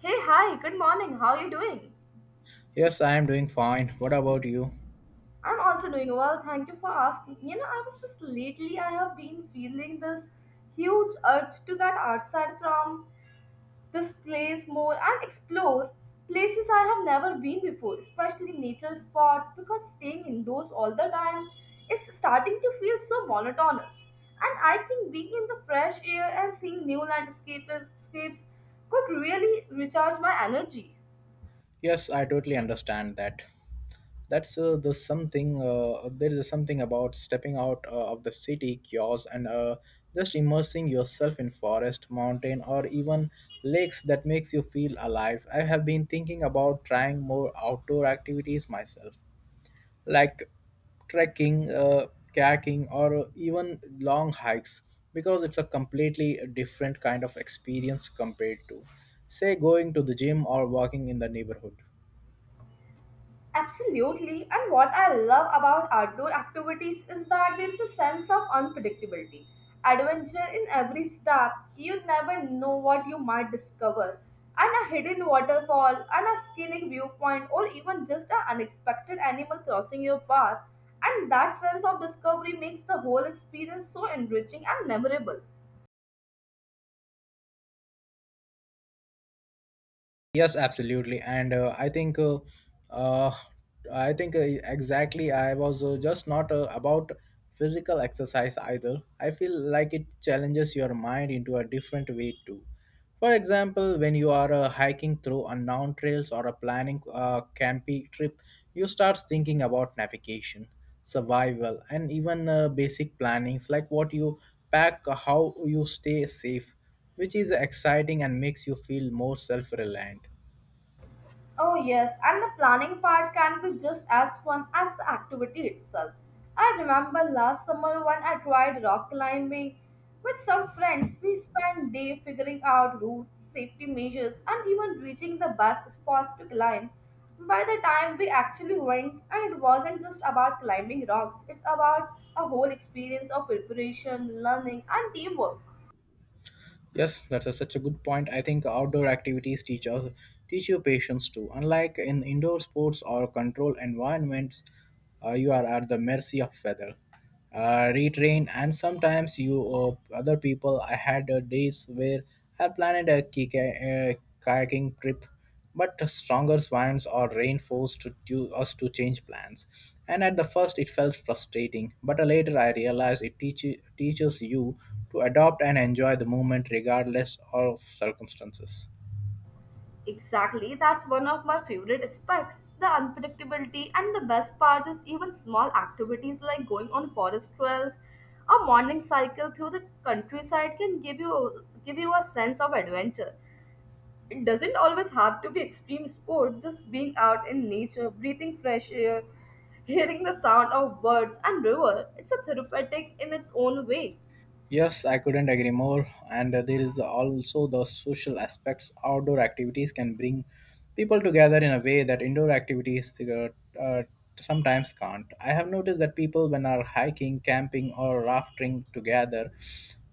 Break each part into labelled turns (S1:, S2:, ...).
S1: Hey, hi, good morning. How are you doing?
S2: Yes, I am doing fine. What about you?
S1: I'm also doing well. Thank you for asking. I was just lately, I have been feeling this huge urge to get outside from this place more and explore places I have never been before, especially nature spots, because staying indoors all the time is starting to feel so monotonous. And I think being in the fresh air and seeing new landscapes scapes could really recharge my energy.
S2: Yes, I totally understand that. That's the something. There is something about stepping out of the city chaos and just immersing yourself in forest, mountain, or even lakes that makes you feel alive. I have been thinking about trying more outdoor activities myself. Like trekking, kayaking, or even long hikes because it's a completely different kind of experience compared to, say, going to the gym or walking in the neighborhood.
S1: Absolutely. And what I love about outdoor activities is that there is a sense of unpredictability. Adventure in every step, you never know what you might discover. And a hidden waterfall, and a scenic viewpoint, or even just an unexpected animal crossing your path. And that sense of discovery makes the whole experience so enriching and memorable.
S2: Yes, absolutely, and uh, I think exactly. I was just not about physical exercise either. I feel like it challenges your mind into a different way too. For example, when you are hiking through unknown trails or a planning campy trip, you start thinking about navigation, survival, and even basic plannings like what you pack, how you stay safe, which is exciting and makes you feel more self-reliant.
S1: Oh, yes, and the planning part can be just as fun as the activity itself. I remember last summer when I tried rock climbing with some friends, we spent day figuring out routes, safety measures, and even reaching the best spots to climb. By the time we actually went, and it wasn't just about climbing rocks, it's about a whole experience of preparation, learning, and teamwork.
S2: Yes, that's a, such a good point. I think outdoor activities teach you patience too. Unlike in indoor sports or controlled environments, you are at the mercy of weather, retrain, and sometimes you other people. I had days where I planned a uh, kayaking trip but stronger swans are reinforced to do us to change plans. And at the first, it felt frustrating, but later I realized it teaches you to adopt and enjoy the moment regardless of circumstances.
S1: Exactly, that's one of my favorite aspects the unpredictability. And the best part is, even small activities like going on forest trails or morning cycle through the countryside can give you a sense of adventure. It doesn't always have to be extreme sport, just being out in nature, breathing fresh air, hearing the sound of birds and river. It's a therapeutic in its own way.
S2: Yes, I couldn't agree more. And there is also the social aspects. Outdoor activities can bring people together in a way that indoor activities uh, sometimes can't. I have noticed that people, when are hiking, camping, or rafting together,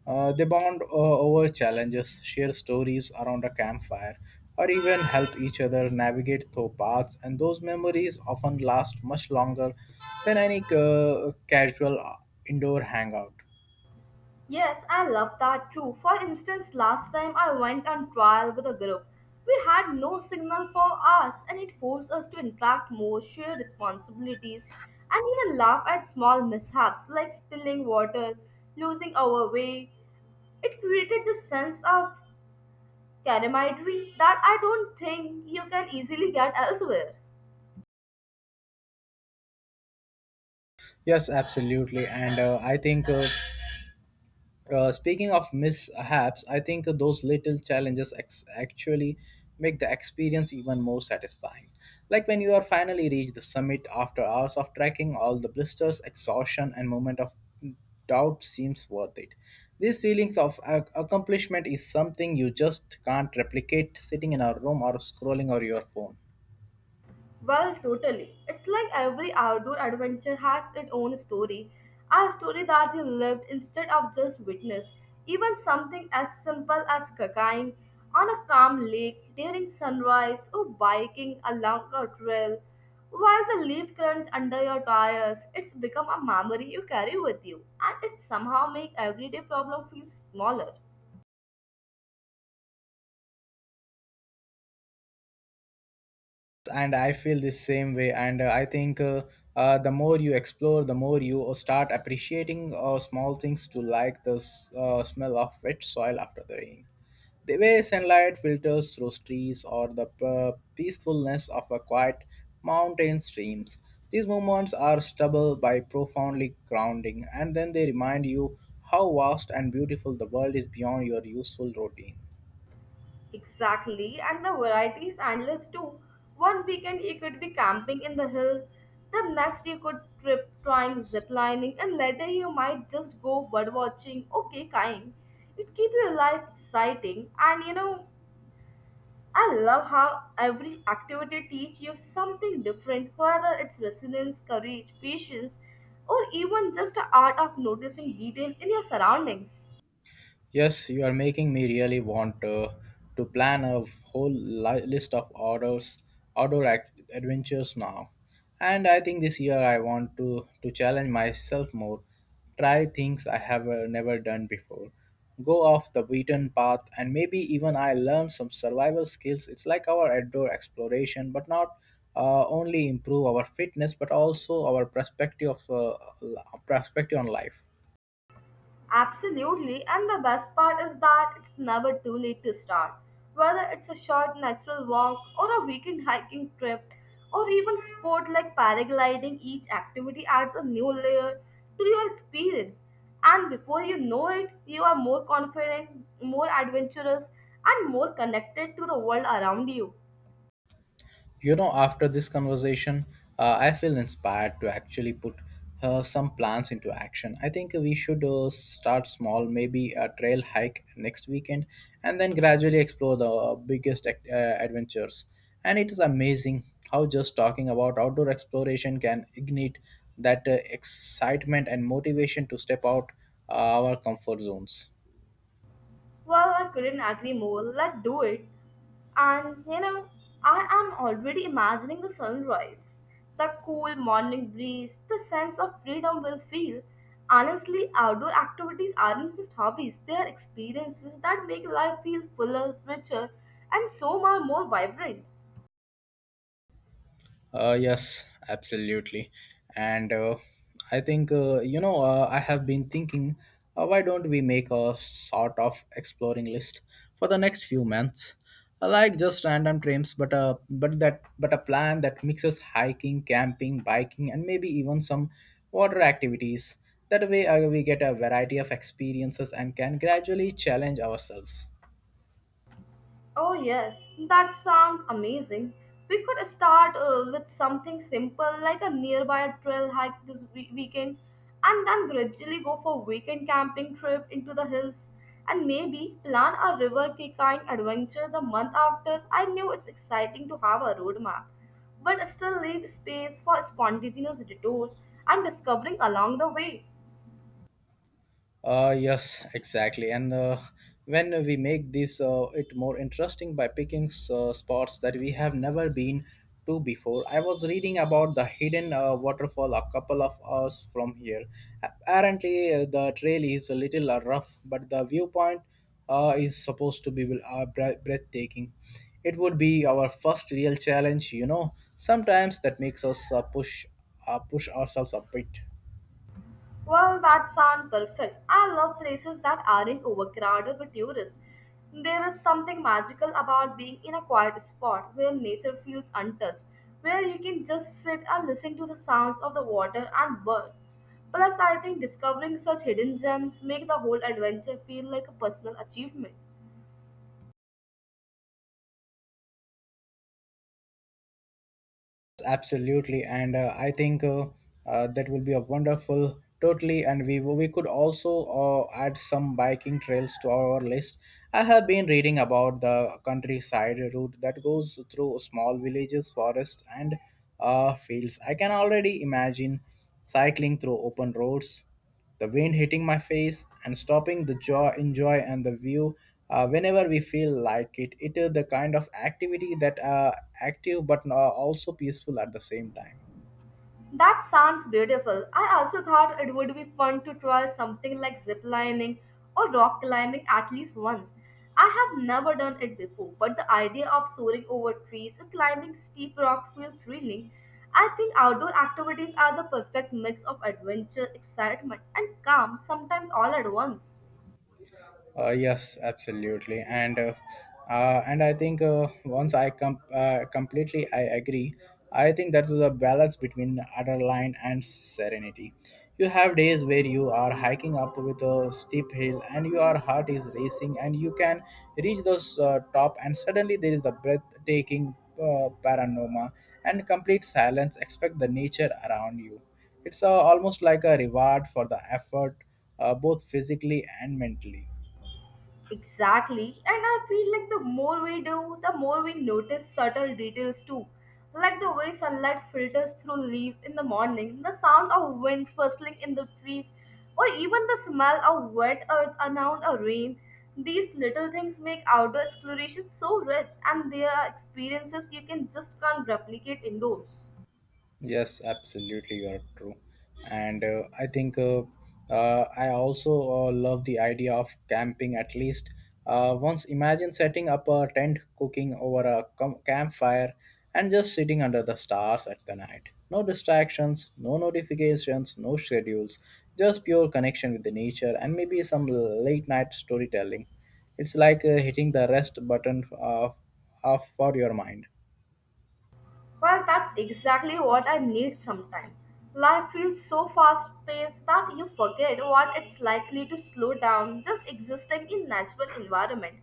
S2: they bond over challenges, share stories around a campfire, or even help each other navigate through paths. And those memories often last much longer than any casual indoor hangout.
S1: Yes, I love that too. For instance, last time I went on trial with a group. We had no signal for us, and it forced us to interact more, share responsibilities, and even laugh at small mishaps like spilling water, losing our way. It created this sense of camaraderie that I don't think you can easily get elsewhere.
S2: Yes, absolutely. And speaking of mishaps, I think those little challenges actually make the experience even more satisfying. Like when you are finally reach the summit after hours of trekking, all the blisters, exhaustion, and moment of doubt seems worth it. These feelings of accomplishment is something you just can't replicate sitting in a room or scrolling on your phone.
S1: Well, totally. It's like every outdoor adventure has its own story, a story that you lived instead of just witnessed. Even something as simple as kayaking on a calm lake during sunrise or biking along a trail while the leaf crunch under your tires, it's become a memory you carry with you and it somehow makes everyday problem feel smaller.
S2: And I feel the same way, and I think the more you explore the more you start appreciating small things to, like the smell of wet soil after the rain, the way sunlight filters through trees, or the peacefulness of a quiet mountain streams. These moments are stable by profoundly grounding, and then they remind you how vast and beautiful the world is beyond your useful routine.
S1: Exactly, and the variety is endless too. One weekend you could be camping in the hill, the next you could trip trying zip lining, and later you might just go bird watching or kayakaking. It keeps your life exciting, and I love how every activity teach you something different, whether it's resilience, courage, patience, or even just the art of noticing detail in your surroundings.
S2: Yes, you are making me really want to plan a whole list of outdoor adventures now. And I think this year I want to challenge myself more, try things I have never done before, go off the beaten path, and maybe even I learn some survival skills. It's like our outdoor exploration, but not only improve our fitness, but also our perspective of perspective on life.
S1: Absolutely, and the best part is that it's never too late to start. Whether it's a short natural walk or a weekend hiking trip or even sport like paragliding, each activity adds a new layer to your experience. And before you know it, you are more confident, more adventurous, and more connected to the world around you.
S2: You know, after this conversation, I feel inspired to actually put some plans into action. I think we should start small, maybe a trail hike next weekend, and then gradually explore the biggest adventures. And it is amazing how just talking about outdoor exploration can ignite that excitement and motivation to step out our comfort zones.
S1: Well, I couldn't agree more. Let's do it. And you know, I am already imagining the sunrise, the cool morning breeze, the sense of freedom we'll feel. Honestly, outdoor activities aren't just hobbies, they are experiences that make life feel fuller, richer, and so much more vibrant.
S2: Yes, absolutely. And I have been thinking, why don't we make a sort of exploring list for the next few months? I like just random trips, but that but a plan that mixes hiking, camping, biking, and maybe even some water activities. That way, we get a variety of experiences and can gradually challenge ourselves.
S1: Oh, yes, that sounds amazing. We could start with something simple like a nearby trail hike this weekend and then gradually go for weekend camping trip into the hills and maybe plan a river kayakaking adventure the month after. I knew it's exciting to have a roadmap, but still leave space for spontaneous detours and discovering along the way.
S2: Yes, exactly. And when we make this it more interesting by picking spots that we have never been to before. I was reading about the hidden waterfall a couple of hours from here. Apparently, the trail is a little rough, but the viewpoint is supposed to be breathtaking. It would be our first real challenge, you know. Sometimes that makes us push ourselves a bit.
S1: Well, that sounds perfect. I love places that aren't overcrowded with tourists. There is something magical about being in a quiet spot where nature feels untouched, where you can just sit and listen to the sounds of the water and birds. Plus, I think discovering such hidden gems make the whole adventure feel like a personal achievement.
S2: Absolutely, and I think that will be a wonderful totally, and we could also add some biking trails to our list. I have been reading about the countryside route that goes through small villages, forests, and fields. I can already imagine cycling through open roads, the wind hitting my face, and stopping the joy, enjoy and the view whenever we feel like it. It is the kind of activity that active but also peaceful at the same time.
S1: That sounds beautiful. I also thought it would be fun to try something like zip lining or rock climbing at least once. I have never done it before, but the idea of soaring over trees or climbing steep rocks feels thrilling. I think outdoor activities are the perfect mix of adventure, excitement, and calm, sometimes all at once.
S2: Yes, absolutely, and I think completely I agree. I think that's the balance between adrenaline and serenity. You have days where you are hiking up with a steep hill and your heart is racing, and you can reach those top, and suddenly there is the breathtaking panorama and complete silence. Expect the nature around you. It's almost like a reward for the effort, both physically and mentally.
S1: Exactly. And I feel like the more we do, the more we notice subtle details too. Like the way sunlight filters through leaf in the morning, the sound of wind rustling in the trees, or even the smell of wet earth around a rain. These little things make outdoor exploration so rich and they are experiences you can just can't replicate indoors.
S2: Yes, absolutely, you are true. And I also love the idea of camping at least once. Imagine setting up a tent, cooking over a campfire, and just sitting under the stars at the night. No distractions, no notifications, no schedules, just pure connection with the nature and maybe some late night storytelling. It's like hitting the rest button off for your mind.
S1: Well, that's exactly what I need sometimes. Life feels so fast paced that you forget what it's likely to slow down just existing in natural environment.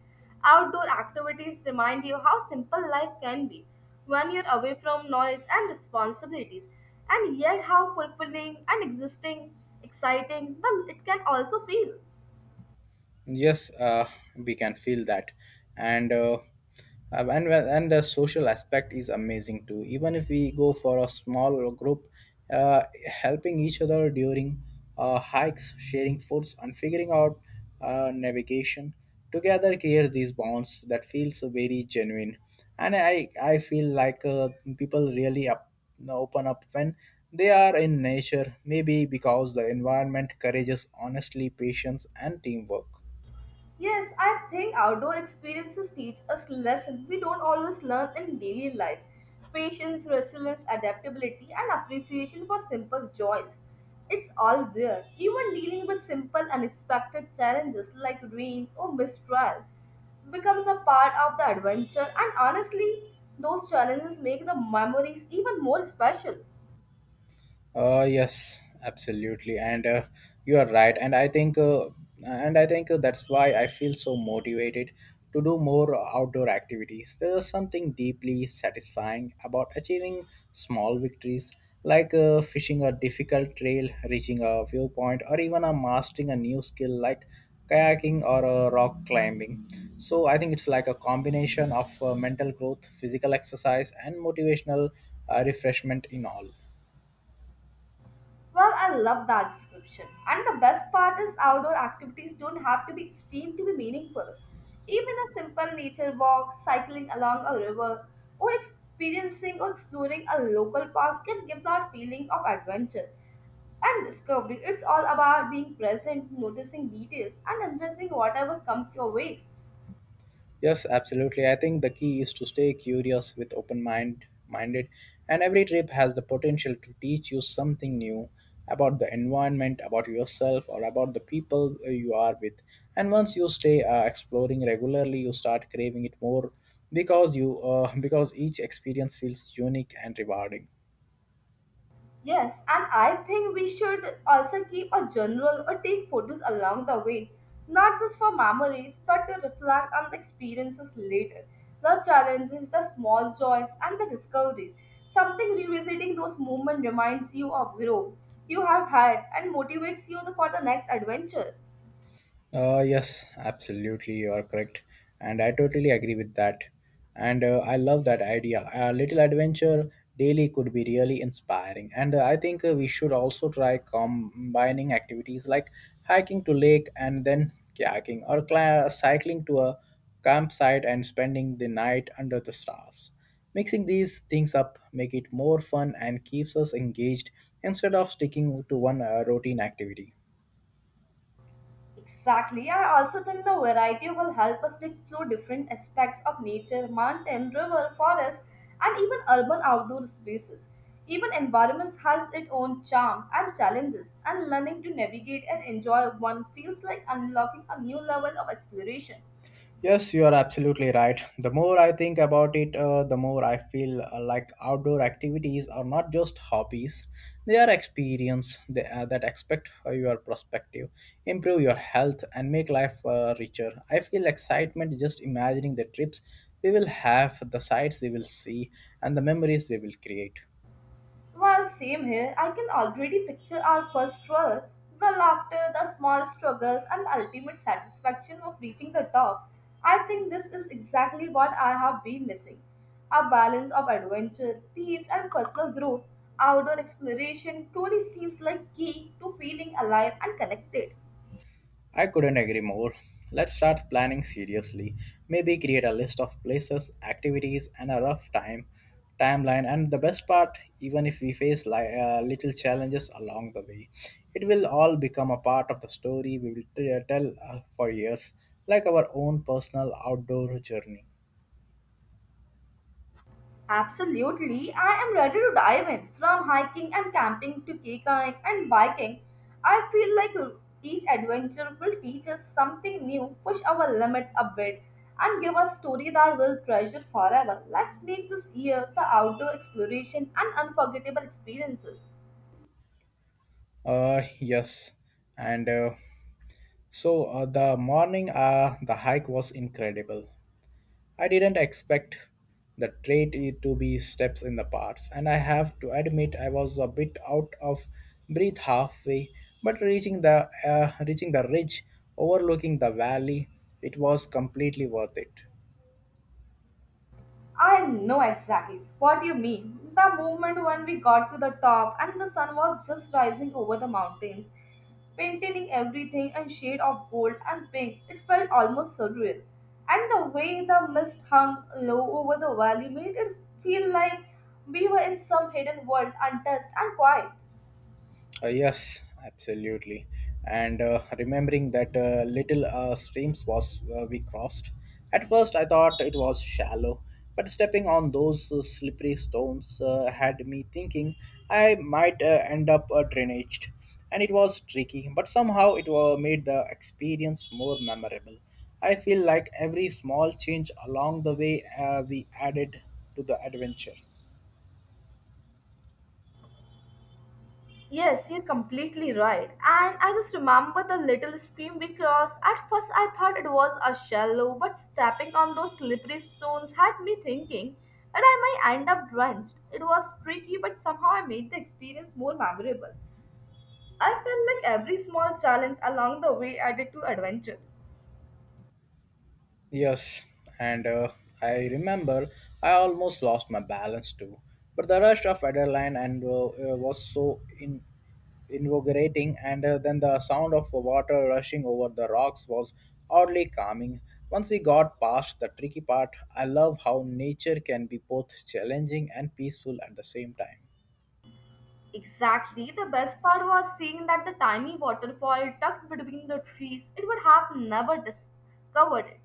S1: Outdoor activities remind you how simple life can be when you're away from noise and responsibilities, and yet how fulfilling and existing, exciting well, it can also feel.
S2: Yes, we can feel that, and well, and the social aspect is amazing too. Even if we go for a small group, uh, helping each other during hikes, sharing foods, and figuring out navigation together creates these bonds that feels very genuine. And I feel like people really open up when they are in nature. Maybe because the environment encourages honestly patience and teamwork.
S1: Yes, I think outdoor experiences teach us lessons we don't always learn in daily life. Patience, resilience, adaptability, and appreciation for simple joys. It's all there. Even dealing with simple, unexpected challenges like rain or mistrial becomes a part of the adventure, and honestly, those challenges make the memories even more special.
S2: Yes, absolutely, and you are right. And I think that's why I feel so motivated to do more outdoor activities. There's something deeply satisfying about achieving small victories, like fishing a difficult trail, reaching a viewpoint, or even mastering a new skill like kayaking or rock climbing. So I think it's like a combination of mental growth, physical exercise, and motivational refreshment in all.
S1: Well, I love that description. And the best part is outdoor activities don't have to be extreme to be meaningful. Even a simple nature walk, cycling along a river, or experiencing or exploring a local park can give that feeling of adventure and discovery. It's all about being present, noticing details, and embracing whatever comes your way.
S2: Yes, absolutely. I think the key is to stay curious with open minded, and every trip has the potential to teach you something new about the environment, about yourself or about the people you are with. And once you stay exploring regularly, you start craving it more because you because each experience feels unique and rewarding.
S1: Yes, and I think we should also keep a journal or take photos along the way, not just for memories, but to reflect on the experiences later, the challenges, the small joys, and the discoveries. Something revisiting those moments reminds you of growth you have had and motivates you for the next adventure.
S2: Yes, absolutely, you are correct, and I totally agree with that. And I love that idea. A little adventure daily could be really inspiring. And I think we should also try combining activities like hiking to lake and then kayaking, or cla cycling to a campsite and spending the night under the stars. Mixing these things up make it more fun and keeps us engaged instead of sticking to one routine activity.
S1: Exactly. I also think the variety will help us to explore different aspects of nature, mountain, river, forest, and even urban outdoor spaces. Even environments has its own charm and challenges, and learning to navigate and enjoy one feels like unlocking a new level of exploration.
S2: Yes, you are absolutely right. The more I think about it, the more I feel like outdoor activities are not just hobbies. They are experience that expect your perspective, improve your health, and make life richer. I feel excitement just imagining the trips we will have, the sights we will see, and the memories we will create.
S1: Well, same here. I can already picture our first twirl, the laughter, the small struggles, and the ultimate satisfaction of reaching the top. I think this is exactly what I have been missing a balance of adventure, peace, and personal growth. Outdoor exploration truly seems like key to feeling alive and connected.
S2: I couldn't agree more. Let's start planning seriously. Maybe create a list of places, activities, and a rough time timeline. And the best part, even if we face little challenges along the way, it will all become a part of the story we will tell for years, like our own personal outdoor journey.
S1: Absolutely, I am ready to dive in. From hiking and camping to kayaking and biking, I feel like each adventure will teach us something new, push our limits a bit, and give us story that we'll treasure forever. Let's make this year the outdoor exploration and unforgettable experiences.
S2: Yes, and the morning, the hike was incredible. I didn't expect the trade to be steps in the parts, and I have to admit I was a bit out of breath halfway. But reaching the ridge, overlooking the valley, it was completely worth it.
S1: I know exactly what you mean. The moment when we got to the top and the sun was just rising over the mountains, painting everything in shade of gold and pink, it felt almost surreal. And the way the mist hung low over the valley made it feel like we were in some hidden world, untouched and quiet.
S2: Yes, absolutely. And remembering that little streams was we crossed. At first, I thought it was shallow, but stepping on those slippery stones had me thinking I might end up drainaged. And it was tricky, but somehow it made the experience more memorable. I feel like every small change along the way we added to the adventure.
S1: Yes, you're completely right. And I just remember the little stream we crossed. At first, I thought it was a shallow, but stepping on those slippery stones had me thinking that I might end up drenched. It was tricky, but somehow I made the experience more memorable. I felt like every small challenge along the way added to adventure.
S2: Yes, and I remember I almost lost my balance too. But the rush of adrenaline and was so in invigorating, and then the sound of water rushing over the rocks was oddly calming. Once we got past the tricky part, I love how nature can be both challenging and peaceful at the same time.
S1: Exactly. The best part was seeing that the tiny waterfall tucked between the trees. It would have never discovered it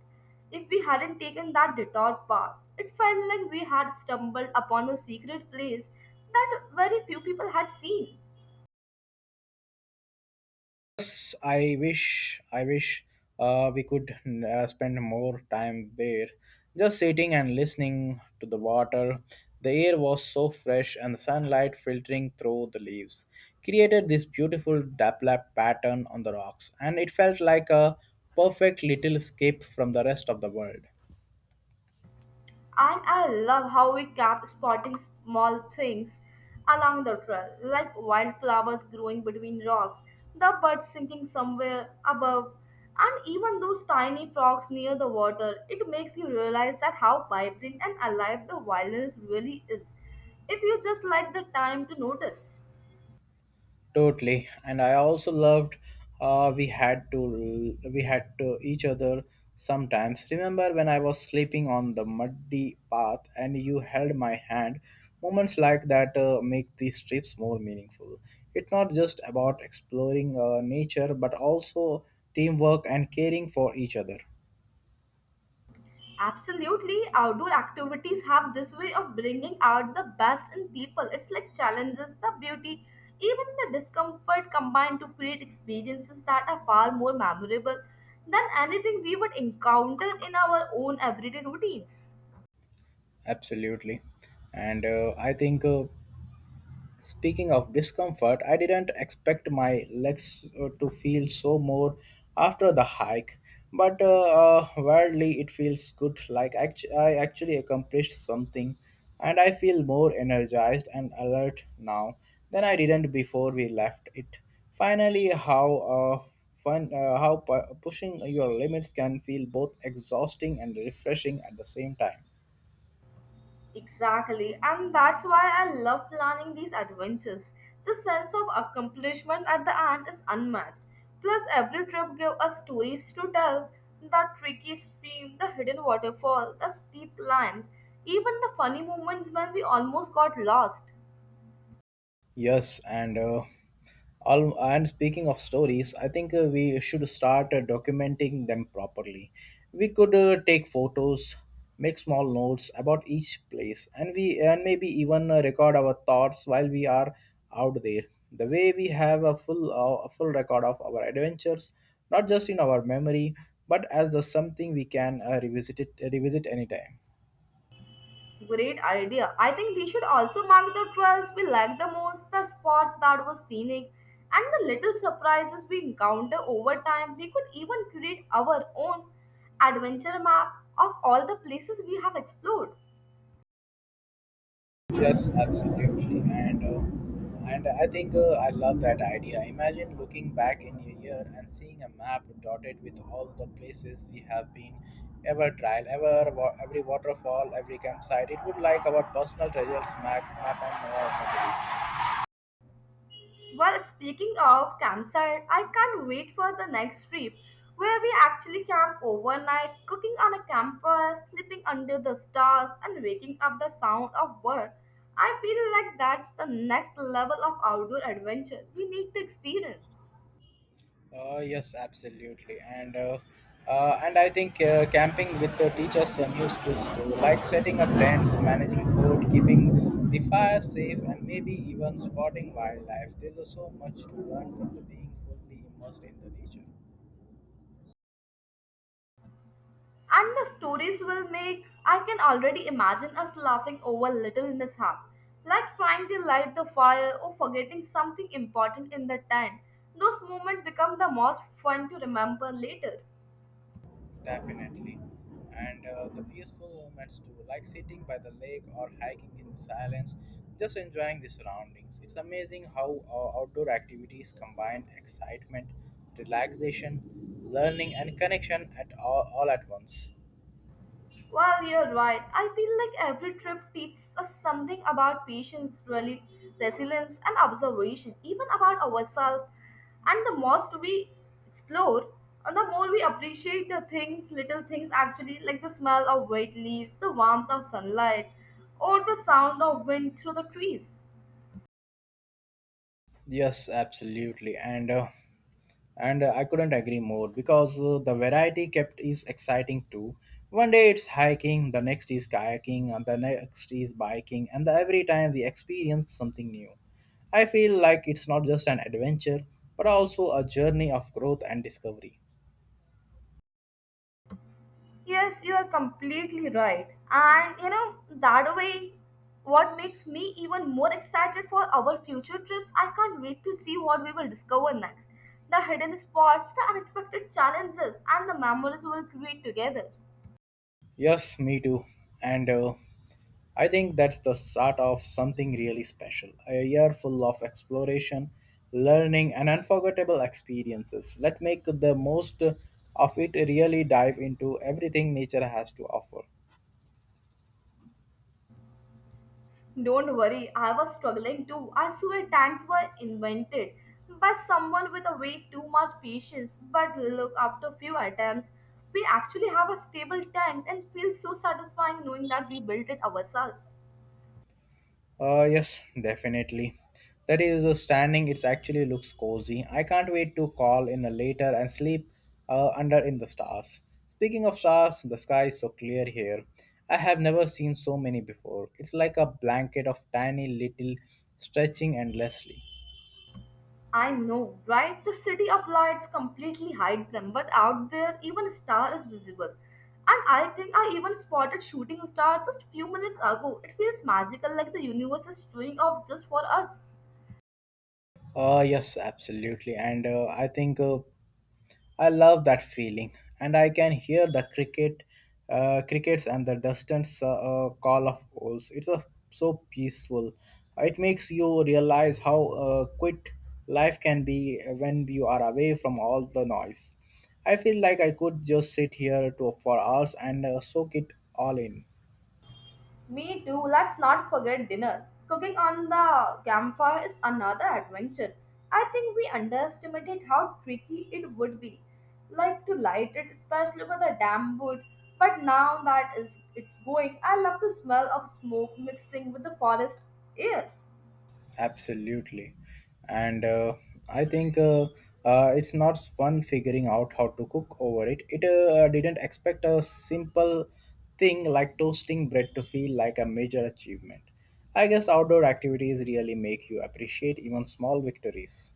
S1: if we hadn't taken that detour path. It felt like we had stumbled upon a secret place that very few people had seen.
S2: I wish we could spend more time there, just sitting and listening to the water. The air was so fresh, and the sunlight filtering through the leaves created this beautiful dapplap pattern on the rocks, and it felt like a perfect little escape from the rest of the world.
S1: And I love how we kept spotting small things along the trail, like wildflowers growing between rocks, the birds singing somewhere above, and even those tiny frogs near the water. It makes you realize that how vibrant and alive the wilderness really is, if you just like the time to notice.
S2: Totally, and I also loved. We had to each other sometimes. Remember when I was sleeping on the muddy path and you held my hand? Moments like that make these trips more meaningful. It's not just about exploring nature, but also teamwork and caring for each other.
S1: Absolutely, outdoor activities have this way of bringing out the best in people. It's like challenges the beauty, even the discomfort combined to create experiences that are far more memorable than anything we would encounter in our own everyday routines.
S2: Absolutely, and I think. Speaking of discomfort, I didn't expect my legs to feel so more after the hike, but weirdly it feels good. Like I actually accomplished something, and I feel more energized and alert now than I didn't before we left it. Finally, how pushing your limits can feel both exhausting and refreshing at the same time.
S1: Exactly, and that's why I love planning these adventures. The sense of accomplishment at the end is unmatched. Plus, every trip gives us stories to tell the tricky stream, the hidden waterfall, the steep climbs, even the funny moments when we almost got lost.
S2: Yes, and speaking of stories, I think we should start documenting them properly. We could take photos, make small notes about each place, and we and maybe even record our thoughts while we are out there. The way we have a full record of our adventures, not just in our memory, but as the something we can revisit anytime.
S1: Great idea. I think we should also mark the trails we like the most, the spots that were scenic, and the little surprises we encounter over time. We could even create our own adventure map of all the places we have explored.
S2: Yes, absolutely, and I think I love that idea. Imagine looking back in a year and seeing a map dotted with all the places we have been, ever trial, every waterfall, every campsite. It would like our personal treasures map on our memories.
S1: Well, speaking of campsite, I can't wait for the next trip where we actually camp overnight, cooking on a campus, sleeping under the stars, and waking up the sound of birds. I feel like that's the next level of outdoor adventure we need to experience.
S2: Yes, absolutely, and I think camping with the teachers new skills too, like setting up tents, managing food, keeping the fire safe, and maybe even spotting wildlife. There's so much to learn from the being fully immersed in the nature.
S1: And the stories will make I can already imagine us laughing over little mishap, like trying to light the fire or forgetting something important in the tent. Those moments become the most fun to remember later.
S2: Definitely. And the peaceful moments too, like sitting by the lake or hiking in the silence, just enjoying the surroundings. It's amazing how outdoor activities combine excitement, relaxation, learning, and connection all at once.
S1: Well, you're right. I feel like every trip teaches us something about patience, really, resilience, and observation, even about ourselves. And the most we explore, the more we appreciate the things, little things actually, like the smell of wet leaves, the warmth of sunlight, or the sound of wind through the trees.
S2: Yes, absolutely. And I couldn't agree more because the variety kept is exciting too, one day it's hiking, the next is kayaking, and the next is biking, and every time we experience something new, I feel like it's not just an adventure but also a journey of growth and discovery.
S1: Yes, you are completely right. And you know, that way, what makes me even more excited for our future trips, I can't wait to see what we will discover next. The hidden spots, the unexpected challenges, and the memories we will create together.
S2: Yes, me too, and I think that's the start of something really special, a year full of exploration, learning, and unforgettable experiences. Let's make the most of it, really dive into everything nature has to offer.
S1: Don't worry, I was struggling too. I swear tanks were invented by someone with a way too much patience. But look, after a few attempts, we actually have a stable tent and feel so satisfying knowing that we built it ourselves.
S2: Yes, definitely. That is standing. It actually looks cozy. I can't wait to call in later and sleep under in the stars. Speaking of stars, the sky is so clear here. I have never seen so many before. It's like a blanket of tiny little stretching endlessly.
S1: I know, right? The city of lights completely hide them, but out there, even a star is visible. And I think I even spotted shooting star just few minutes ago. It feels magical, like the universe is showing off just for us.
S2: Yes, absolutely. And I think I love that feeling, and I can hear the crickets, and the distant call of owls. So peaceful. It makes you realize how quick life can be when you are away from all the noise. I feel like I could just sit here for hours and soak it all in.
S1: Me too. Let's not forget dinner. Cooking on the campfire is another adventure. I think we underestimated how tricky it would be, like to light it, especially with a damp wood. But now that is it's going, I love the smell of smoke mixing with the forest air.
S2: Absolutely. And I think it's not fun figuring out how to cook over it. It didn't expect a simple thing like toasting bread to feel like a major achievement. I guess outdoor activities really make you appreciate even small victories.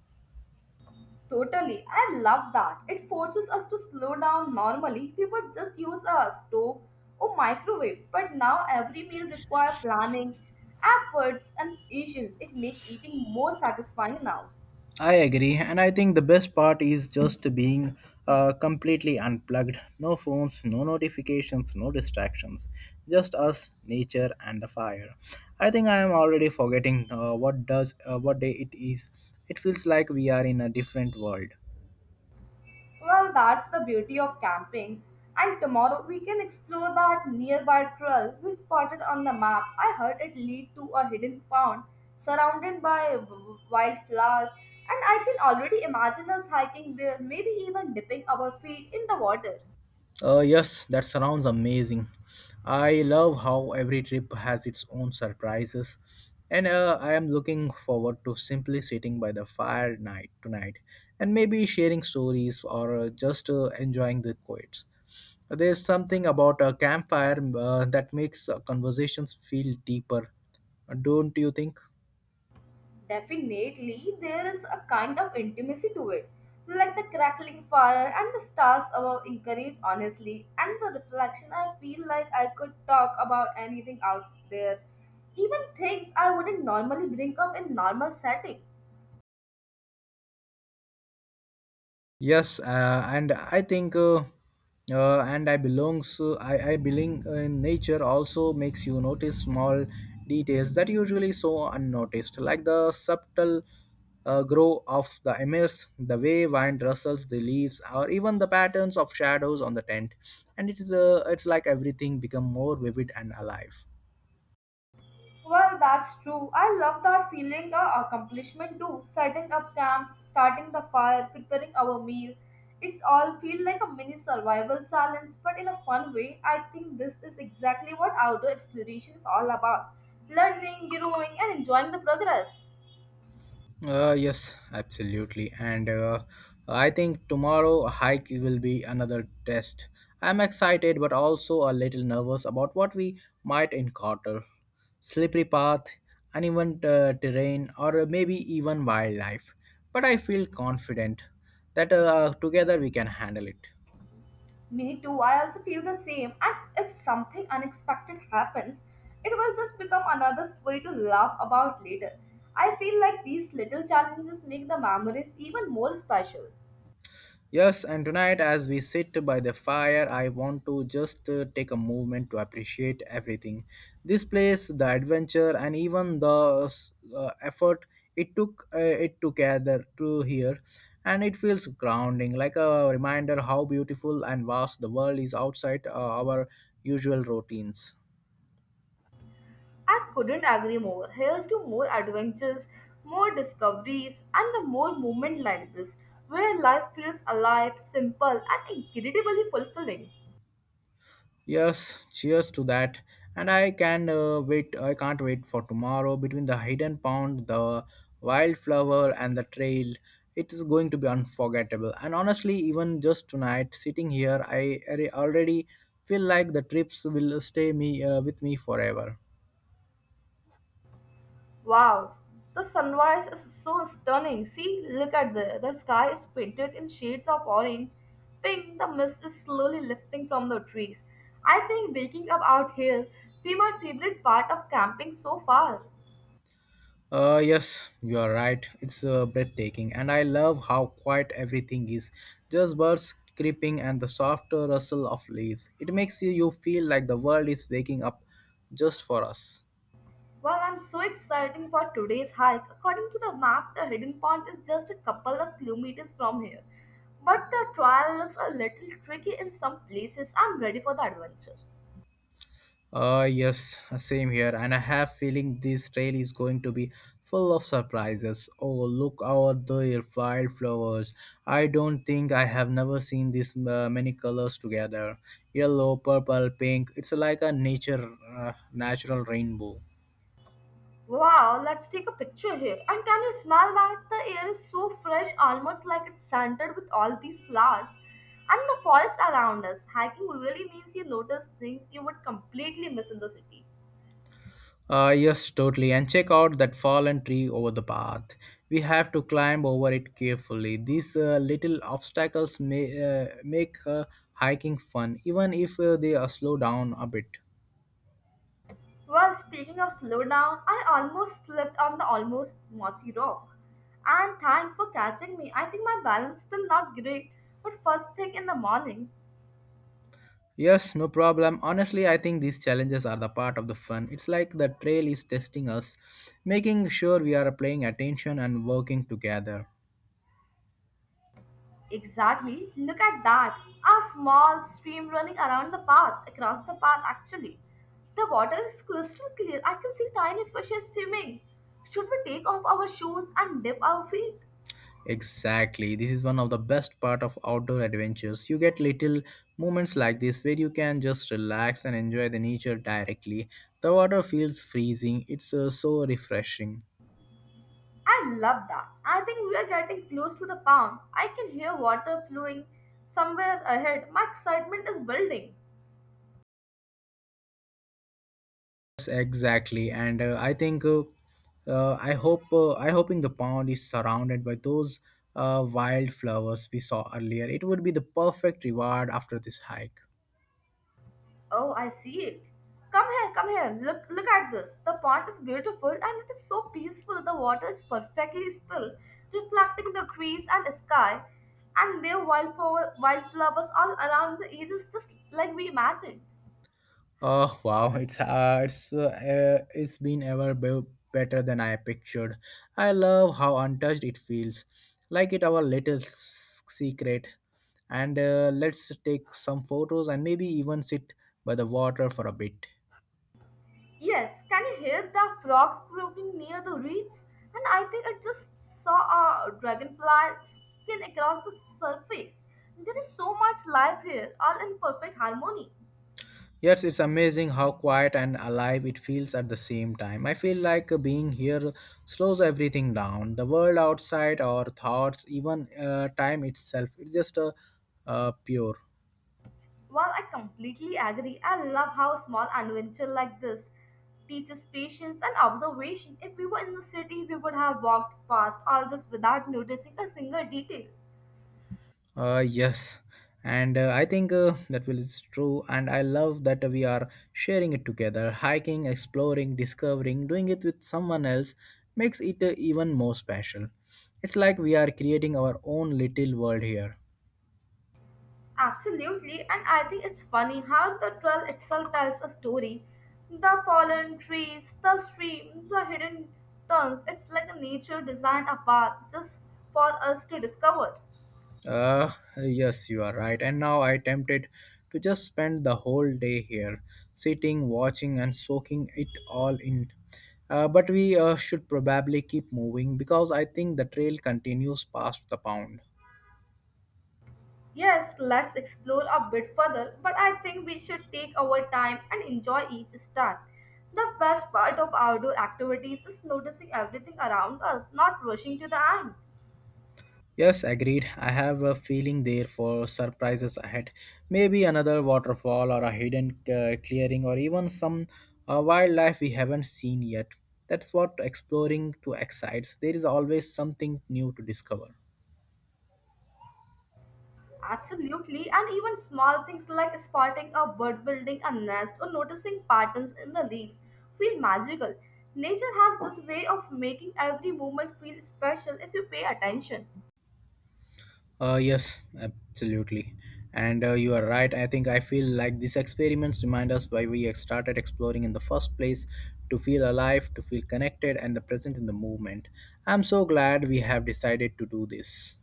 S1: Totally. I love that. It forces us to slow down. Normally, we would just use a stove or microwave, but now every meal requires planning, efforts, and patience. It makes eating more satisfying now.
S2: I agree, and I think the best part is just being completely unplugged. No phones, no notifications, no distractions. Just us, nature, and the fire. I think I am already forgetting what day it is. It feels like we are in a different world.
S1: Well, that's the beauty of camping. And tomorrow we can explore that nearby trail we spotted on the map. I heard it lead to a hidden pond surrounded by wildflowers, and I can already imagine us hiking there, maybe even dipping our feet in the water.
S2: Yes, that sounds amazing. I love how every trip has its own surprises, and I am looking forward to simply sitting by the fire night tonight, and maybe sharing stories or just enjoying the quiets. There's something about a campfire that makes conversations feel deeper, don't you think?
S1: Definitely, there is a kind of intimacy to it, like the crackling fire and the stars above encourage honestly, and the reflection. I feel like I could talk about anything out there, even things I wouldn't normally bring up in normal setting.
S2: Yes, and I think, and I belongs, I being in nature also makes you notice small details that usually so unnoticed, like the subtle grow of the emirs, the way wind rustles the leaves, or even the patterns of shadows on the tent. And it's like everything become more vivid and alive.
S1: Well, that's true. I love that feeling of accomplishment too. Setting up camp, starting the fire, preparing our meal. It's all feel like a mini survival challenge, but in a fun way. I think this is exactly what outdoor exploration is all about. Learning, growing, and enjoying the progress.
S2: Yes, absolutely. And I think tomorrow a hike will be another test. I'm excited but also a little nervous about what we might encounter. Slippery path, uneven terrain, or maybe even wildlife. But I feel confident that together we can handle it.
S1: Me too, I also feel the same. And if something unexpected happens, it will just become another story to laugh about later. I feel like these little challenges make the memories even more special.
S2: Yes, and tonight, as we sit by the fire, I want to just take a moment to appreciate everything. This place, the adventure, and even the effort it took it to gather to here, and it feels grounding, like a reminder how beautiful and vast the world is outside our usual routines.
S1: I couldn't agree more. Here's to more adventures, more discoveries, and the more movement like this, where life feels alive, simple, and incredibly fulfilling.
S2: Yes, cheers to that. And I can't wait for tomorrow. Between the hidden pond, the wildflower, and the trail, it is going to be unforgettable. And honestly, even just tonight, sitting here, already feel like the trips will stay me with me forever.
S1: Wow, the sunrise is so stunning. See, look at the sky is painted in shades of orange, pink. The mist is slowly lifting from the trees. I think waking up out here be my favorite part of camping so far.
S2: Yes, you are right. It's breathtaking, and I love how quiet everything is. Just birds creeping and the soft rustle of leaves. It makes you feel like the world is waking up just for us.
S1: Well, I'm so excited for today's hike. According to the map, the hidden pond is just a couple of kilometers from here. But the trail looks a little tricky in some places. I'm ready for the adventure.
S2: Yes, same here. And I have feeling this trail is going to be full of surprises. Oh, look out the wildflowers. I don't think I have never seen this many colors together. Yellow, purple, pink. It's like a natural rainbow.
S1: Wow, let's take a picture here. And can you smell that? The air is so fresh, almost like it's scented with all these flowers. And the forest around us. Hiking really means you notice things you would completely miss in the city.
S2: Yes, totally. And check out that fallen tree over the path. We have to climb over it carefully. These little obstacles may make hiking fun, even if they slow down a bit.
S1: Well, speaking of slow down, I almost slipped on the almost mossy rock. And thanks for catching me. I think my balance still not great, but first thing in the morning.
S2: Yes, no problem. Honestly, I think these challenges are the part of the fun. It's like the trail is testing us, making sure we are paying attention and working together.
S1: Exactly. Look at that. A small stream running around the path, across the path actually. The water is crystal clear. I can see tiny fishes swimming. Should we take off our shoes and dip our feet?
S2: Exactly. This is one of the best part of outdoor adventures. You get little moments like this where you can just relax and enjoy the nature directly. The water feels freezing. It's so refreshing.
S1: I love that. I think we are getting close to the pond. I can hear water flowing somewhere ahead. My excitement is building.
S2: Yes, exactly. And I think I hope I hoping the pond is surrounded by those wildflowers we saw earlier. It would be the perfect reward after this hike.
S1: Oh, I see it. Come here, come here. Look at this. The pond is beautiful and it is so peaceful. The water is perfectly still, reflecting the trees and sky and there are wildflowers all around the edges just like we imagined.
S2: Oh wow, it's been better than I pictured. I love how untouched it feels, like it our little secret. And let's take some photos and maybe even sit by the water for a bit.
S1: Yes, can you hear the frogs croaking near the reeds? And I think I just saw a dragonfly skin across the surface. There is so much life here, all in perfect harmony.
S2: Yes, it's amazing how quiet and alive it feels at the same time. I feel like being here slows everything down. The world outside, our thoughts, even time itself. It's just pure.
S1: While I completely agree, I love how small adventure like this teaches patience and observation. If we were in the city, we would have walked past all this without noticing a single detail.
S2: Yes, and I think that will is true, and I love that we are sharing it together. Hiking, exploring, discovering, doing it with someone else makes it even more special. It's like we are creating our own little world here.
S1: Absolutely, and I think it's funny how the 12 itself tells a story. The fallen trees, the stream, the hidden turns. It's like a nature designed a path just for us to discover.
S2: Uh, yes, you are right. And now I tempted to just spend the whole day here, sitting, watching, and soaking it all in. But we should probably keep moving because I think the trail continues past the pound.
S1: Yes, let's explore a bit further, but I think we should take our time and enjoy each step. The best part of outdoor activities is noticing everything around us, not rushing to the end.
S2: Yes, agreed. I have a feeling there for surprises ahead. Maybe another waterfall or a hidden clearing or even some wildlife we haven't seen yet. That's what exploring to excites. There is always something new to discover.
S1: Absolutely, and even small things like spotting a bird building a nest or noticing patterns in the leaves feel magical. Nature has this way of making every moment feel special if you pay attention.
S2: Yes, absolutely. And you are right. I think I feel like these experiments remind us why we started exploring in the first place to feel alive, to feel connected, and the present in the movement. I'm so glad we have decided to do this.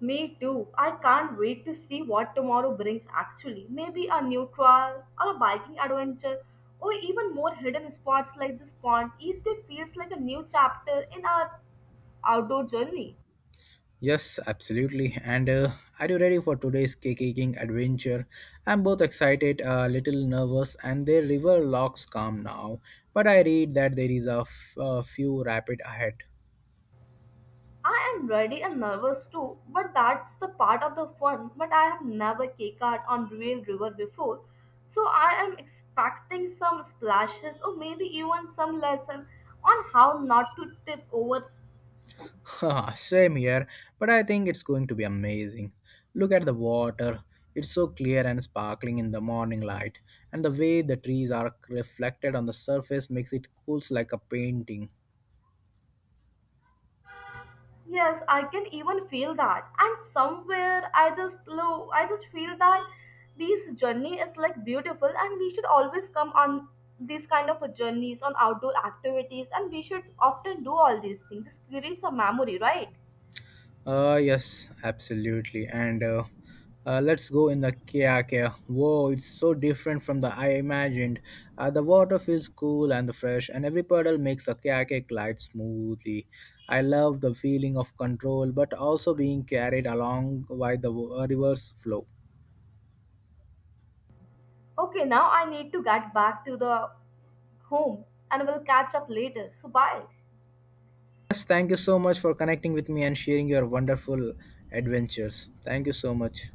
S1: Me too. I can't wait to see what tomorrow brings actually. Maybe a new trail or a biking adventure or even more hidden spots like this pond. Each day feels like a new chapter in our outdoor journey.
S2: Yes, absolutely. And are you ready for today's kayaking adventure? I'm both excited, a little nervous, and the river looks calm now. But I read that there is a few rapid ahead.
S1: I am ready and nervous too, but that's the part of the fun. But I have never kayaked on real river before, so I am expecting some splashes or maybe even some lesson on how not to tip over.
S2: Haha, same here, but I think it's going to be amazing. Look at the water. It's so clear and sparkling in the morning light, and the way the trees are reflected on the surface makes it cool like a painting.
S1: Yes, I can even feel that, and somewhere I just feel that this journey is like beautiful, and we should always come on these kind of a journeys on outdoor activities, and we should often do all these things. This creates a memory, right?
S2: Yes, absolutely. And let's go in the kayak. Here. Whoa, it's so different from the I imagined. The water feels cool and fresh, and every puddle makes the kayak glide smoothly. I love the feeling of control, but also being carried along by the river's flow.
S1: Okay, now I need to get back to the home and we'll catch up later. So bye.
S2: Yes, thank you so much for connecting with me and sharing your wonderful adventures. Thank you so much.